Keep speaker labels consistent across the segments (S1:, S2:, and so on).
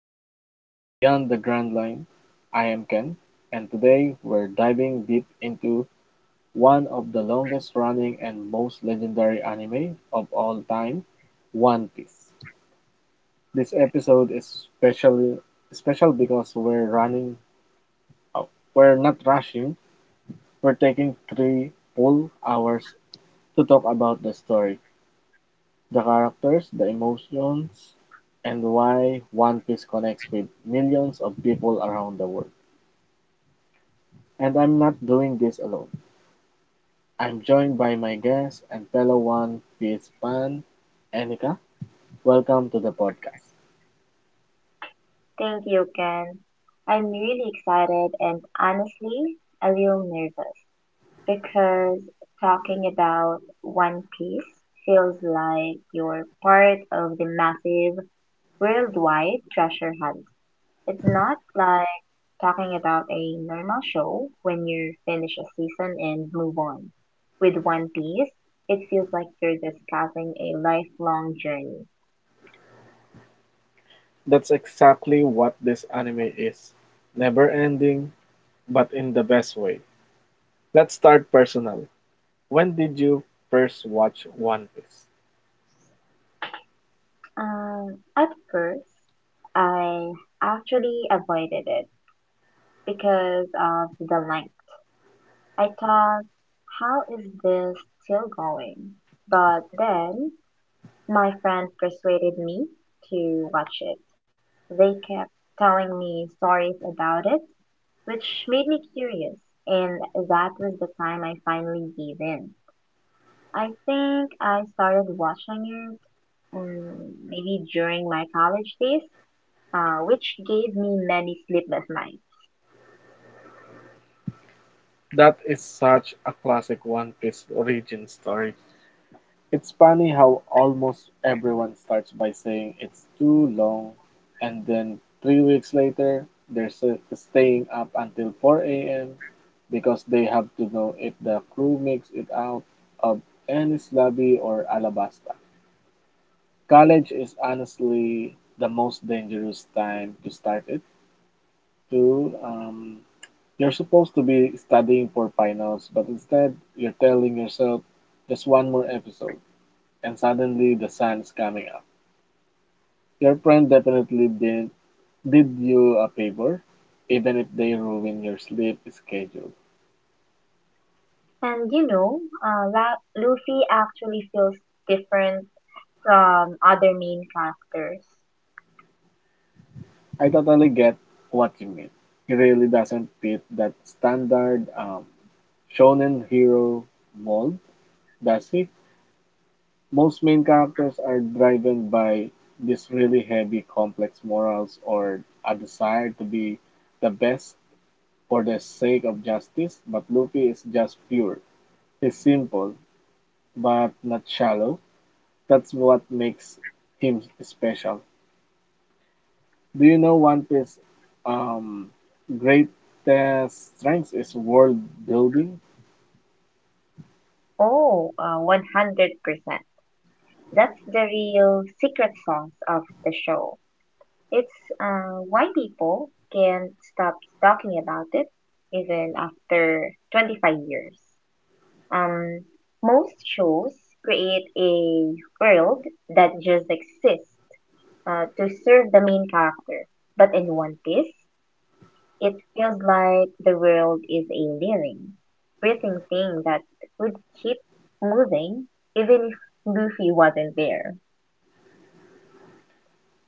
S1: to Beyond the Grand Line. I am Ken, and today we're diving deep into one of the longest running and most legendary anime of all time, One Piece. This episode is special because oh, we're not rushing, we're taking 3 full hours to talk about the story, the characters, the emotions, and why One Piece connects with millions of people around the world. And I'm not doing this alone. I'm joined by my guest and fellow One Piece fan, Enika. Welcome to the podcast.
S2: Thank you, Ken. I'm really excited and honestly a little nervous because talking about One Piece feels like you're part of the massive worldwide treasure hunt. It's not like talking about a normal show when you finish a season and move on. With One Piece, it feels like you're discussing a lifelong journey.
S1: That's exactly what this anime is, never ending, but in the best way. Let's start personal. When did you first watch One Piece?
S2: At first, I actually avoided it because of the length. I thought, how is this still going? But then my friend persuaded me to watch it. They kept telling me stories about it, which made me curious, and that was the time I finally gave in. I think I started watching it maybe during my college days, which gave me many sleepless nights.
S1: That is such a classic One Piece origin story. It's funny how almost everyone starts by saying it's too long, and then 3 weeks later, staying up until 4 a.m. because they have to know if the crew makes it out of Ennis Lobby or Alabasta. College is honestly the most dangerous time to start it. Too, you're supposed to be studying for finals, but instead you're telling yourself just one more episode and suddenly the sun is coming up. Your friend definitely didn't did you a favor, even if they ruin your sleep schedule.
S2: And Luffy actually feels different from other main characters.
S1: I totally get what you mean. He really doesn't fit that standard shonen hero mold, does he? Most main characters are driven by these really heavy, complex morals or a desire to be the best for the sake of justice, but Luffy is just pure. He's simple, but not shallow. That's what makes him special. Do you know One Piece um greatest strength is world building?
S2: Oh, 100%. That's the real secret sauce of the show. It's why people can't stop talking about it even after 25 years. Um, most shows create a world that just exists, to serve the main character. But in One Piece, it feels like the world is a living, breathing thing that would keep moving even if Luffy wasn't there.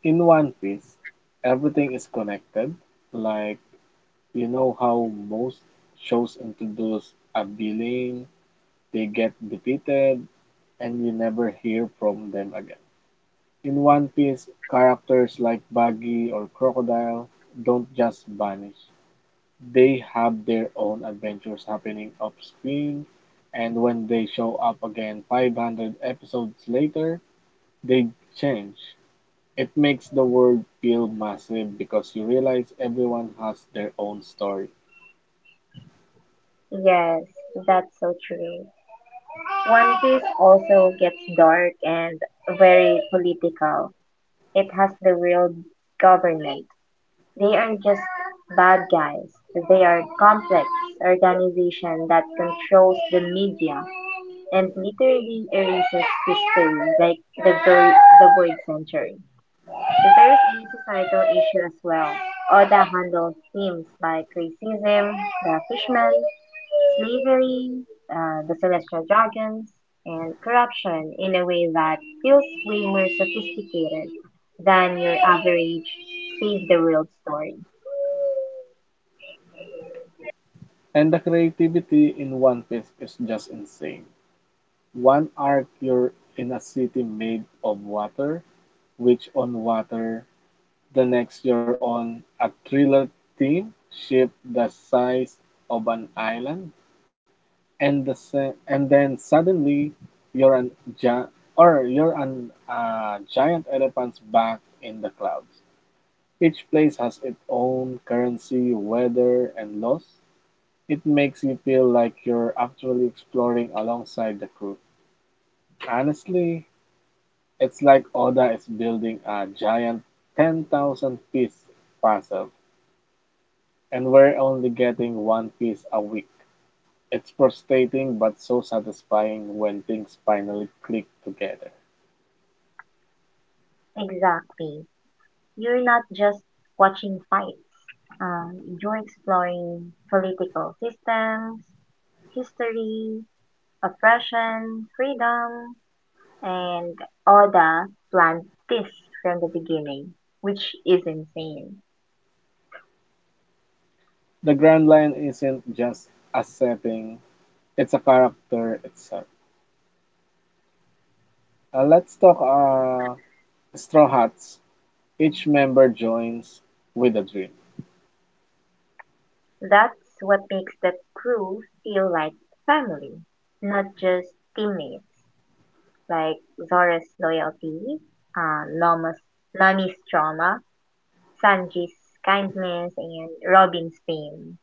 S1: In One Piece, everything is connected. Like, you know how most shows introduce a villain, they get defeated, and you never hear from them again. In One Piece, characters like Buggy or Crocodile don't just vanish. They have their own adventures happening off-screen, and when they show up again 500 episodes later, they change. It makes the world feel massive because you realize everyone has their own story.
S2: Yes, that's so true. One Piece also gets dark and very political. It has the real government. They aren't just bad guys. They are complex organization that controls the media and literally erases history, like the, vo- the void century. There is a societal issue as well. Oda handled themes like racism, the fishmen, slavery, the celestial dragons, and corruption in a way that feels way more sophisticated than your average save the world story.
S1: And the creativity in One Piece is just insane. One arc, you're in a city made of water, which on water. The next, you're on a thriller theme ship the size of an island, and then suddenly you're an gi- or you're an giant elephant's back in the clouds. Each place has its own currency, weather, and laws. It makes you feel like you're actually exploring alongside the crew. Honestly, it's like Oda is building a giant 10,000 piece puzzle, and we're only getting one piece a week. It's frustrating but so satisfying when things finally click together.
S2: Exactly. You're not just watching fights, um, you're exploring political systems, history, oppression, freedom, and Oda planned this from the beginning, which is insane.
S1: The Grand Line isn't just a setting, it's a character itself. Let's talk Straw Hats. Each member joins with a dream.
S2: That's what makes the crew feel like family, not just teammates. Like Zora's loyalty, uh, Noma's, Nami's trauma, Sanji's kindness, and Robin's pain.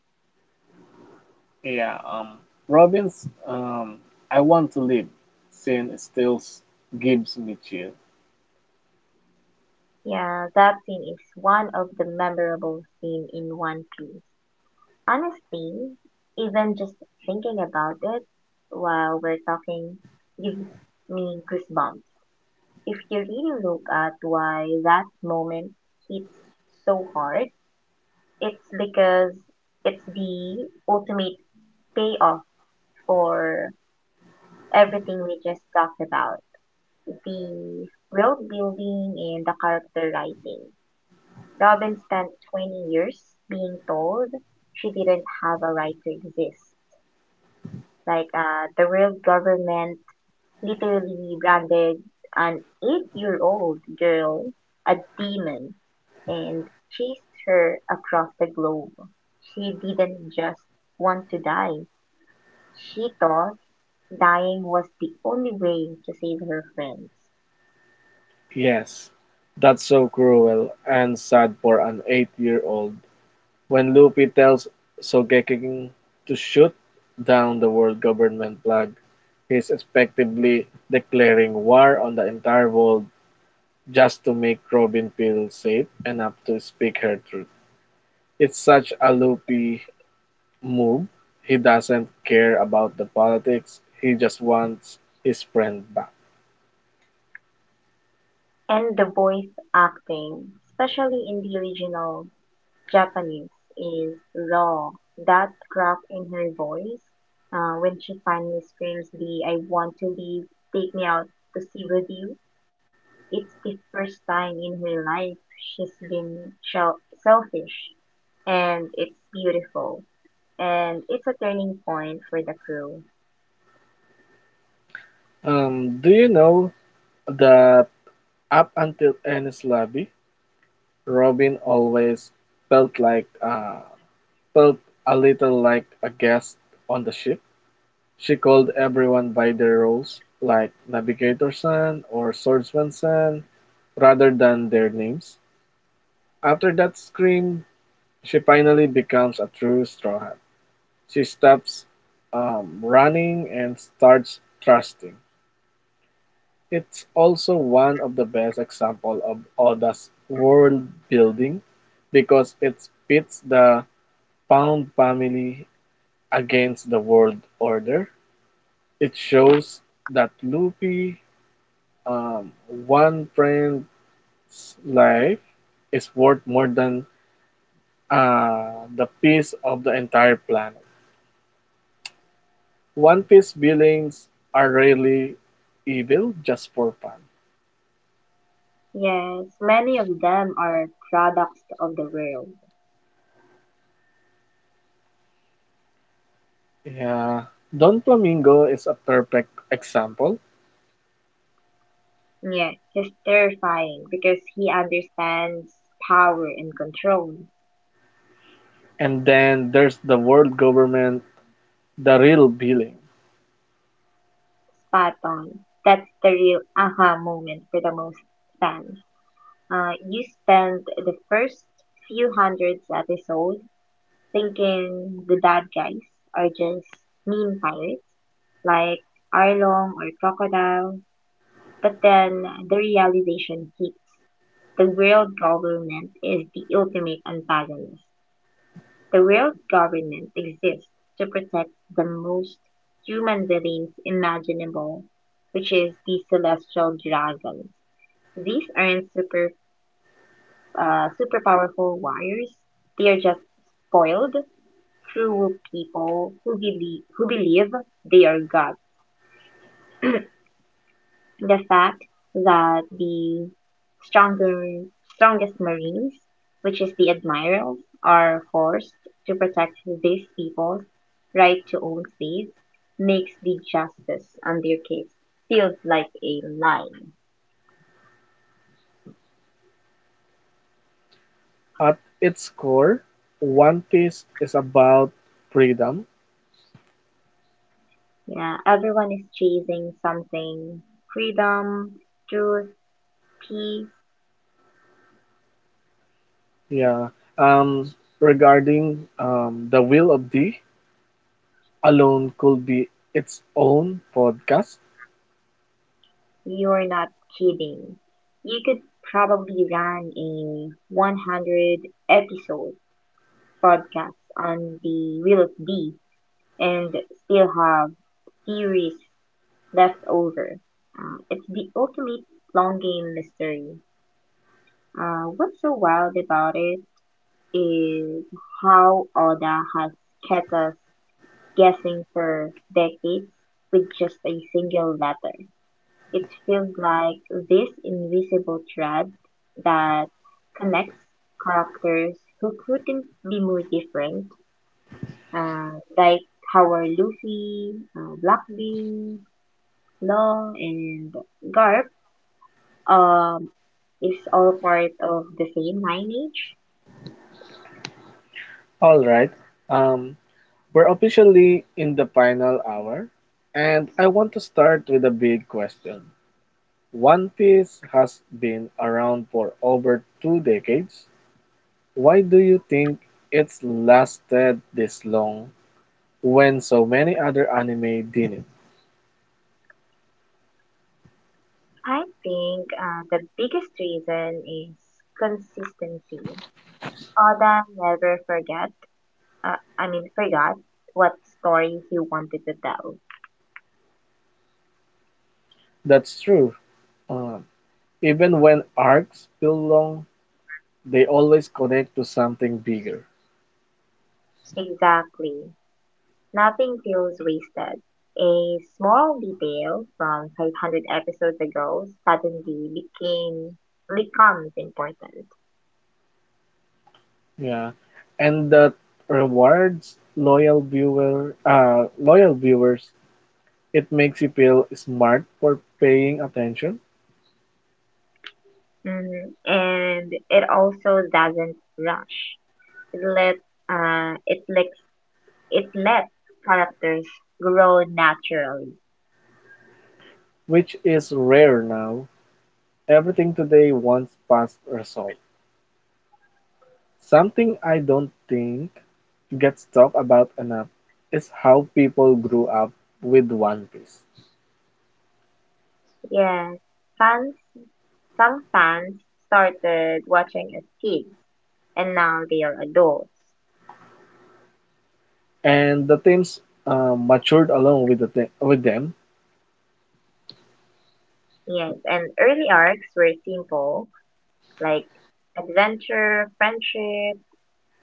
S1: Yeah, Robin's I Want to Live scene still gives me chill.
S2: Yeah, that scene is one of the memorable scene in One Piece. Honestly, even just thinking about it while we're talking gives me goosebumps. If you really look at why that moment hits so hard, it's because it's the ultimate payoff for everything we just talked about. The world building and the character writing. Robin spent 20 years being told she didn't have a right to exist. Like the world government literally branded an eight-year-old girl a demon and chased her across the globe. She didn't just want to die. She thought dying was the only way to save her friends.
S1: Yes, that's so cruel and sad for an 8 year old. When Luffy tells Shogekiden to shoot down the world government flag, he's effectively declaring war on the entire world just to make Robin feel safe enough to speak her truth. It's such a Luffy move. He doesn't care about the politics. He just wants his friend back.
S2: And the voice acting, especially in the original, Japanese, is raw. That crack in her voice, when she finally screams the I want to leave, take me out to sea with you, it's the first time in her life she's been selfish. And it's beautiful. And it's a turning point for the crew.
S1: Do you know that up until Ernest Lobby, Robin always felt like uh, felt a little like a guest on the ship. She called everyone by their roles, like Navigator San or Swordsman San, rather than their names. After that scream, she finally becomes a true Straw Hat. She stops running and starts trusting. It's also one of the best example of Oda's world building because it pits the Pound family against the world order. It shows that Luffy, one friend's life is worth more than the peace of the entire planet. One Piece villains are rarely evil just for fun.
S2: Yes, many of them are products of the world.
S1: Yeah, Don Flamingo is a perfect example.
S2: Yeah, he's terrifying because he understands power and control.
S1: And then there's the world government, the real villain.
S2: Spot on. That's the real aha moment for the most fans. You spend the first few hundreds episode thinking the bad guys are just mean pirates like Arlong or Crocodile, but then the realization hits. The world government is the ultimate antagonist. The real government exists to protect the most human beliefs imaginable, which is the celestial dragons. These aren't super, super powerful warriors. They are just spoiled, cruel people who believe they are gods. The fact that the stronger, strongest Marines, which is the admirals, are forced to protect these people's right to own space makes the justice on their case feels like a lie.
S1: At its core, One Piece is about freedom.
S2: Yeah, everyone is chasing something: freedom, truth, peace.
S1: Yeah. Um, regarding the will of D alone could be its own podcast.
S2: You're not kidding. You could probably run a 100 episode podcasts on the Wheel of D and still have theories left over. It's the ultimate long game mystery. What's so wild about it is how Oda has kept us guessing for decades with just a single letter. It feels like this invisible thread that connects characters who couldn't be more different, uh, like how are Luffy, Blackbeard, Law, and Garp um, is all part of the same lineage?
S1: All right. Um, we're officially in the final hour, and I want to start with a big question. One Piece has been around for over two decades. Why do you think it's lasted this long when so many other anime didn't?
S2: I think the biggest reason is consistency. Oda never forget, I mean forgot what story he wanted to tell.
S1: That's true. Um, even when arcs feel long, they always connect to something bigger.
S2: Exactly. Nothing feels wasted. A small detail from 500 episodes ago suddenly became becomes important.
S1: Yeah. And that rewards loyal viewers. It makes you feel smart for paying attention,
S2: Mhm. And it also doesn't rush. It let uh it lets it lets characters grow naturally.
S1: which is rare now. Everything today wants fast result. Something I don't think gets talked about enough is how people grew up with One Piece
S2: Yes, fans some fans started watching as kids and now they are adults.
S1: and the teams matured along with with them.
S2: Yes, and early arcs were simple, like adventure, friendship,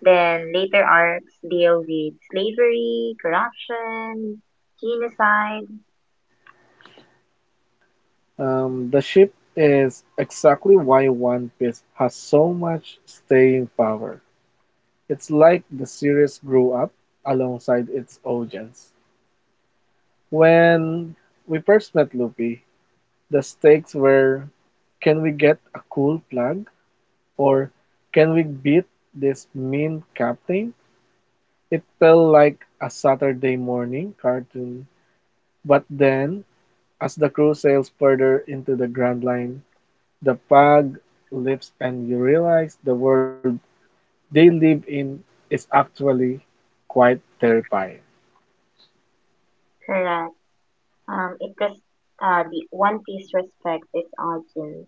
S2: then later arcs deal with slavery, corruption, genocide.
S1: The ship is exactly why One Piece has so much staying power. It's like the series grew up alongside its audience. When we first met Luffy, the stakes were, can we get a cool plug? Or can we beat this mean captain? It felt like a Saturday morning cartoon. But then, as the crew sails further into the Grand Line, the bug leaves and you realize the world they live in is actually quite terrifying.
S2: Correct. It does The One Piece respects its audience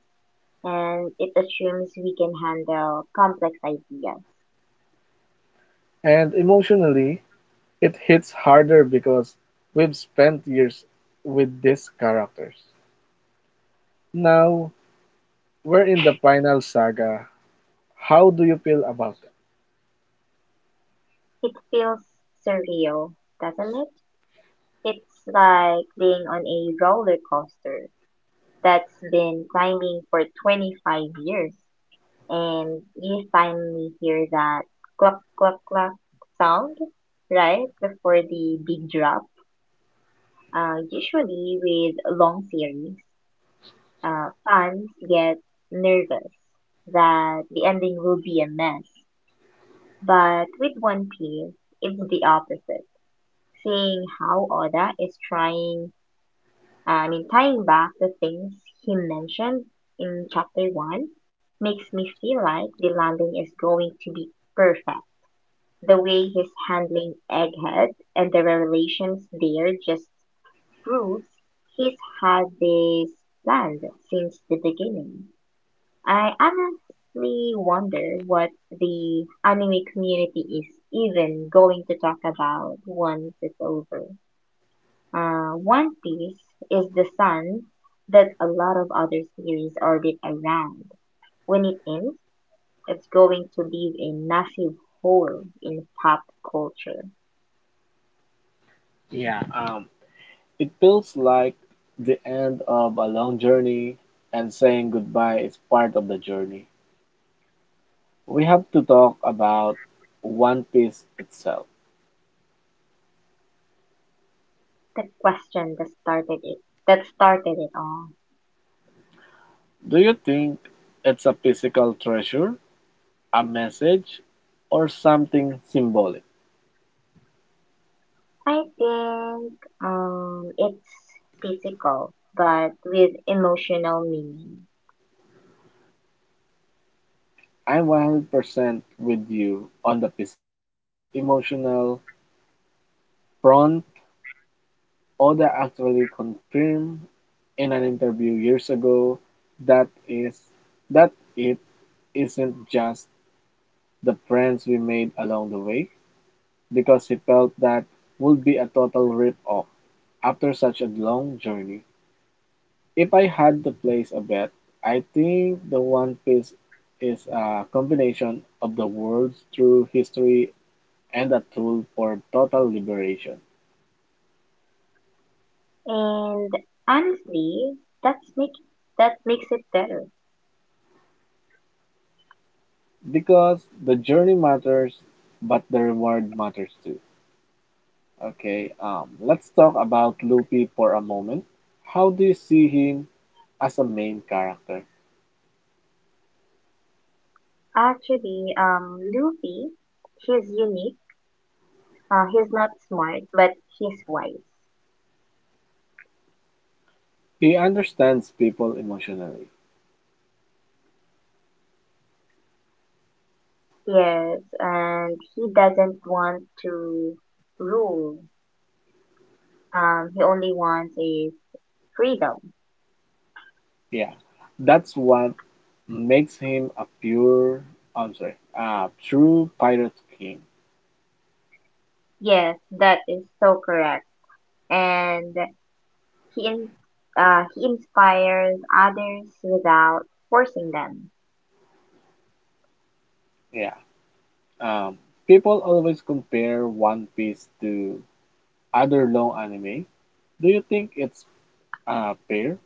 S2: and it assumes we can handle complex ideas.
S1: And emotionally, it hits harder because we've spent years with these characters. Now, we're in the final saga. How do you feel about it?
S2: It feels surreal, doesn't it? It's like being on a roller coaster that's been climbing for 25 years, and he finally hear that cluck cluck cluck sound right before the big drop. Usually with long series, fans get nervous that the ending will be a mess. But with One Piece, it's the opposite. Seeing how Oda is tying back the things he mentioned in chapter one makes me feel like the landing is going to be perfect. The way he's handling Egghead and the revelations there just proves he's had this planned since the beginning. I honestly wonder what the anime community is even going to talk about once it's over. One Piece is the sun that a lot of other series orbit around. When it ends, it's going to leave a massive hole in pop culture.
S1: Yeah, it feels like the end of a long journey, and saying goodbye is part of the journey. We have to talk about One Piece itself.
S2: The question that started it all.
S1: Do you think it's a physical treasure, a message, or something symbolic?
S2: I think it's physical but with emotional meaning.
S1: I'm 100% with you on the physical but emotional front. Oda actually confirmed in an interview years ago that is that it isn't just the friends we made along the way because he felt that would be a total rip off after such a long journey. If I had to place a bet, I think the One Piece is a combination of the world's true history and a tool for total liberation.
S2: And honestly, that's make that makes it better.
S1: Because the journey matters, but the reward matters too. Okay, let's talk about Luffy for a moment. How do you see him as a main character?
S2: Actually, Luffy, he's unique. He's not smart, but he's wise.
S1: He understands people emotionally.
S2: Yes, and he doesn't want to rule. He only wants a freedom.
S1: Yeah, that's what makes him a pure, I'm sorry, a true pirate king.
S2: Yes, that is so correct. And he in, he inspires others without forcing them.
S1: Yeah. Um, people always compare One Piece to other long anime. Do you think it's fair?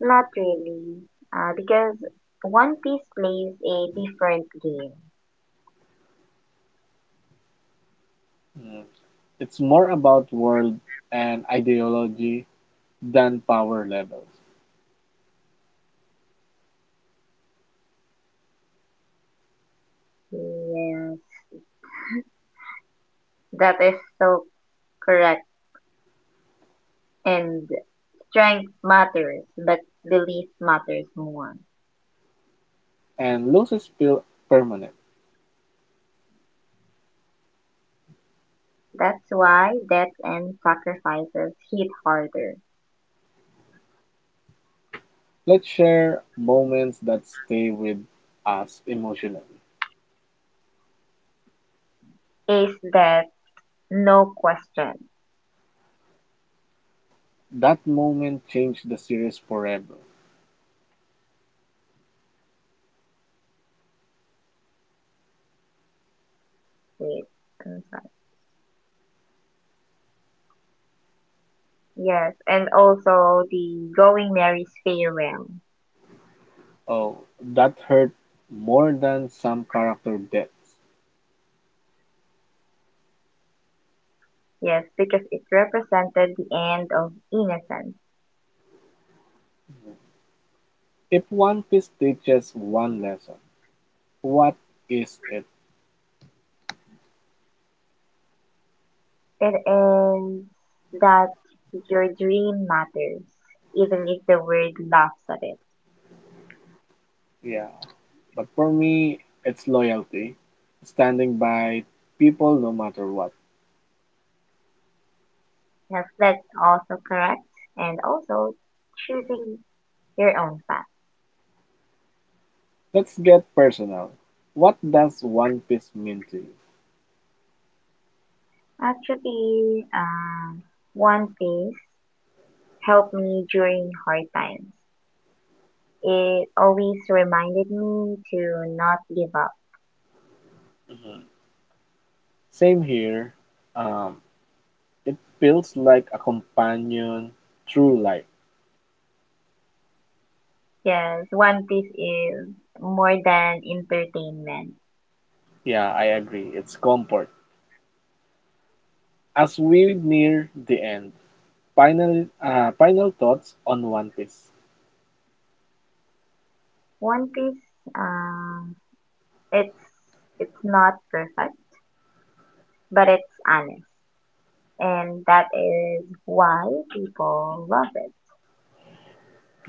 S2: Not really, because One Piece plays a different game.
S1: Mm. It's more about world and ideology than power levels,
S2: Yes, that is so correct. And strength matters, but belief matters more.
S1: and loses feel permanent.
S2: That's why death and sacrifices hit harder.
S1: Let's share moments that stay with us emotionally.
S2: Is that no question?
S1: That moment changed the series forever.
S2: Wait, I'm Yes, and also the Going Mary's farewell.
S1: Oh, that hurt more than some character deaths.
S2: Yes, because it represented the end of innocence.
S1: If One Piece teaches one lesson, what is it?
S2: It is that your dream matters, even if the world laughs at it.
S1: Yeah. But for me, it's loyalty, standing by people no matter what.
S2: Yes, that's also correct. And also choosing your own path.
S1: Let's get personal. What does One Piece mean to you?
S2: Actually, One Piece helped me during hard times. It always reminded me to not give up.
S1: Mhm. Same here. Um, it feels like a companion through life.
S2: Yes, One Piece is more than entertainment.
S1: Yeah, I agree. It's comfort. As we near the end, final final thoughts on One Piece.
S2: One Piece, um, it's it's not perfect, but it's honest, and that is why people love it.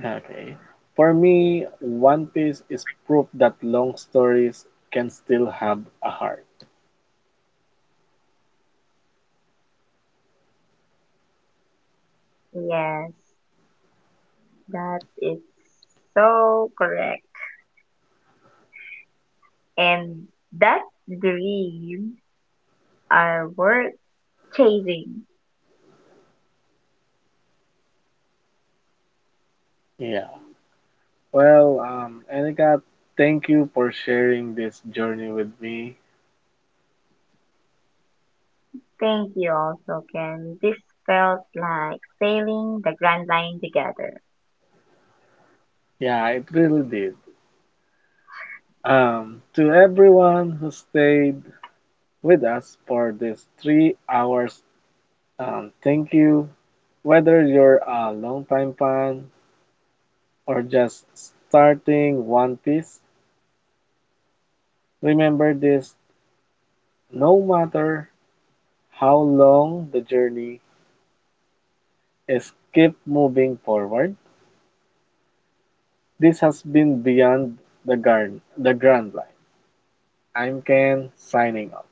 S1: Okay. For me, One Piece is proof that long stories can still have a heart.
S2: Yes, that is so correct, and that dream are worth chasing.
S1: Yeah. Well, Enika, thank you for sharing this journey with me.
S2: Thank you, also, Ken. This felt like sailing the Grand Line together.
S1: Yeah, it really did. To everyone who stayed with us for these 3 hours, thank you. Whether you're a long-time fan or just starting One Piece, remember this, no matter how long the journey is, keep moving forward. This has been the Grand Line. I'm Ken, signing off.